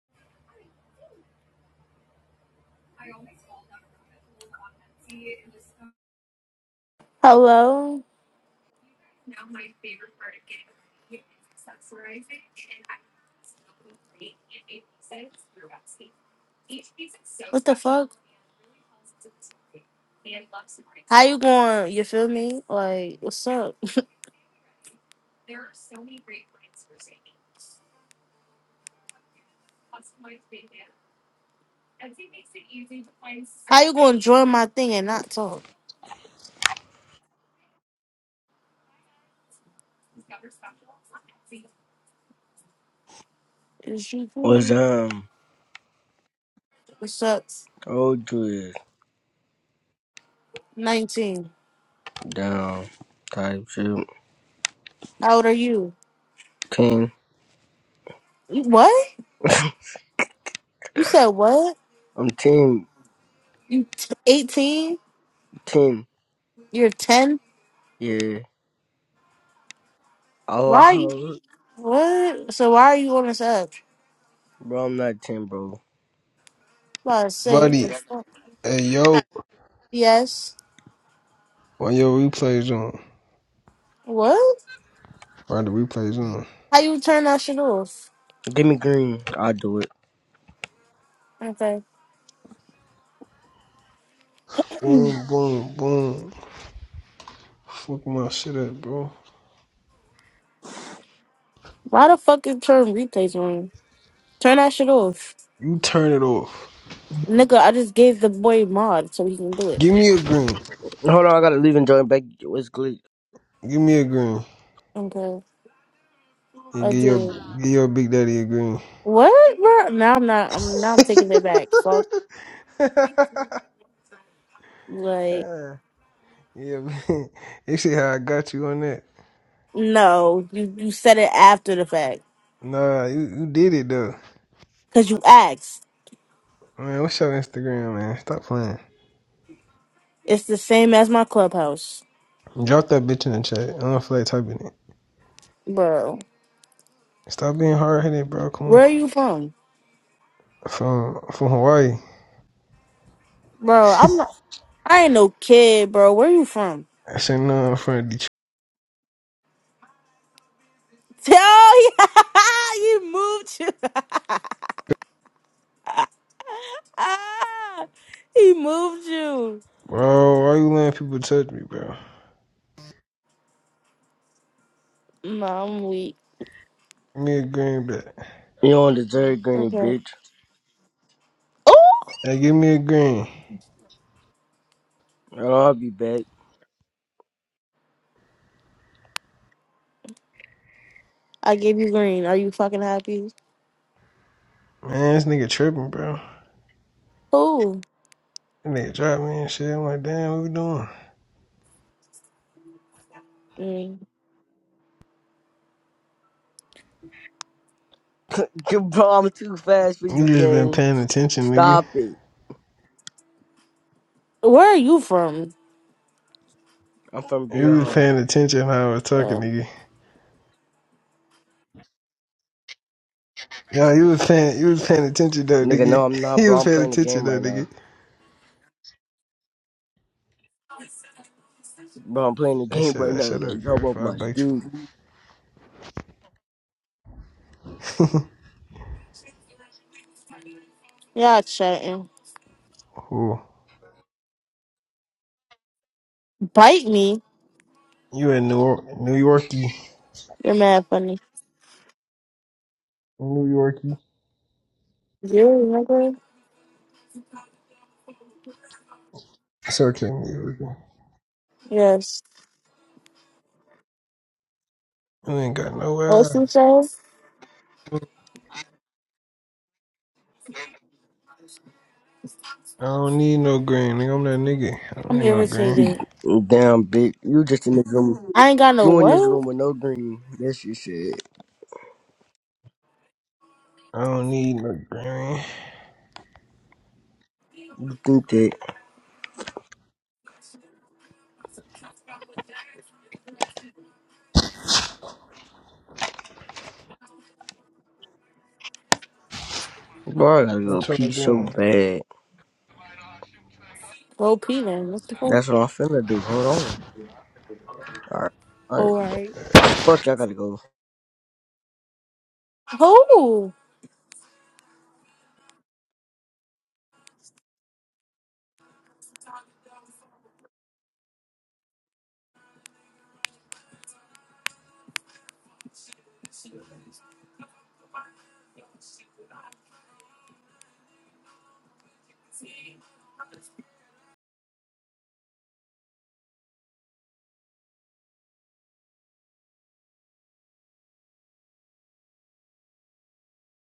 Hello? What the fuck? How you going? You feel me? Like, what's up? How you going to join my thing and not talk? Is you was cool? um What's up? old dude 19. down type shit. How old are you? ten. You- What? You said what? I'm team You t- 18? team. You're 10? Yeah. Why are you? Allah What? So why are you on this app? bro, I'm not ten, bro. About to say, what Buddy, the fuck? hey yo, Yes. when your replays on, What? why the replays on? How you turn that shit off? Give me green. I'll do it. Okay. Boom, boom, boom. Fuck my shit up, bro. Why the fuck is turn replays on? Turn that shit off. You turn it off. Nigga, I just gave the boy mod so he can do it. Give me a green. Hold on, I gotta leave and join back What's glitch? Give me a green. Okay. And I give your did. give your big daddy a green. What, bro? Now I'm not I'm now I'm taking it back. Fuck like yeah, man. You see how I got you on that? no. You you said it after the fact. Nah, you, you did it though. Cause you asked. Man, what's your Instagram, man? Stop playing. It's the same as my clubhouse. Drop that bitch in the chat. I don't feel like typing it. Bro. Stop being hard headed, bro. Come on. Where are you from? From from Hawaii. Bro, I'm not I ain't no kid, bro. Where you from? I said, no, I'm from Detroit. Oh, yeah. he moved you. he moved you. Bro, why you letting people touch me, bro? No, I'm weak. Give me a green, but You don't deserve greeny Okay. bitch. Oh, Hey, give me a green. I'll be back. I gave you green. Are you fucking happy? Man, this nigga tripping, bro. Who? This nigga dropped me and shit. I'm like, damn, what we doing? Mm. bro, I'm too fast for You you just been gang. paying attention, nigga. Stop it. Where are you from? I'm from You was BR. paying attention how I was talking, Um, nigga. Yo, you was paying, you was paying attention though, Nigga, nigga. no, I'm not, you bro. was I'm paying playing the attention game though, right now. nigga. Bro, I'm playing the Hey, game shut right up, now. shut Like, up, how girl. If about I my bite you, dude? yeah, chatting. oh, Bite me. You in New York, New Yorkie, You're mad funny. New Yorkie. You remember? It's okay, New Yorkie. Yes. You ain't got What nowhere. you say? I don't need no green, nigga. I'm that nigga. I don't I'm need no green. irritated. Damn, bitch. You just in this room. I ain't got no You in this room what? with no green. That's your shit. I don't need no green. You think that. Bro, I gotta go What y'all pee so doing? bad. Go pee then. What the fuck? That's what I'm finna do. Hold on. Alright. Alright. All right. Fuck, I gotta go. Who?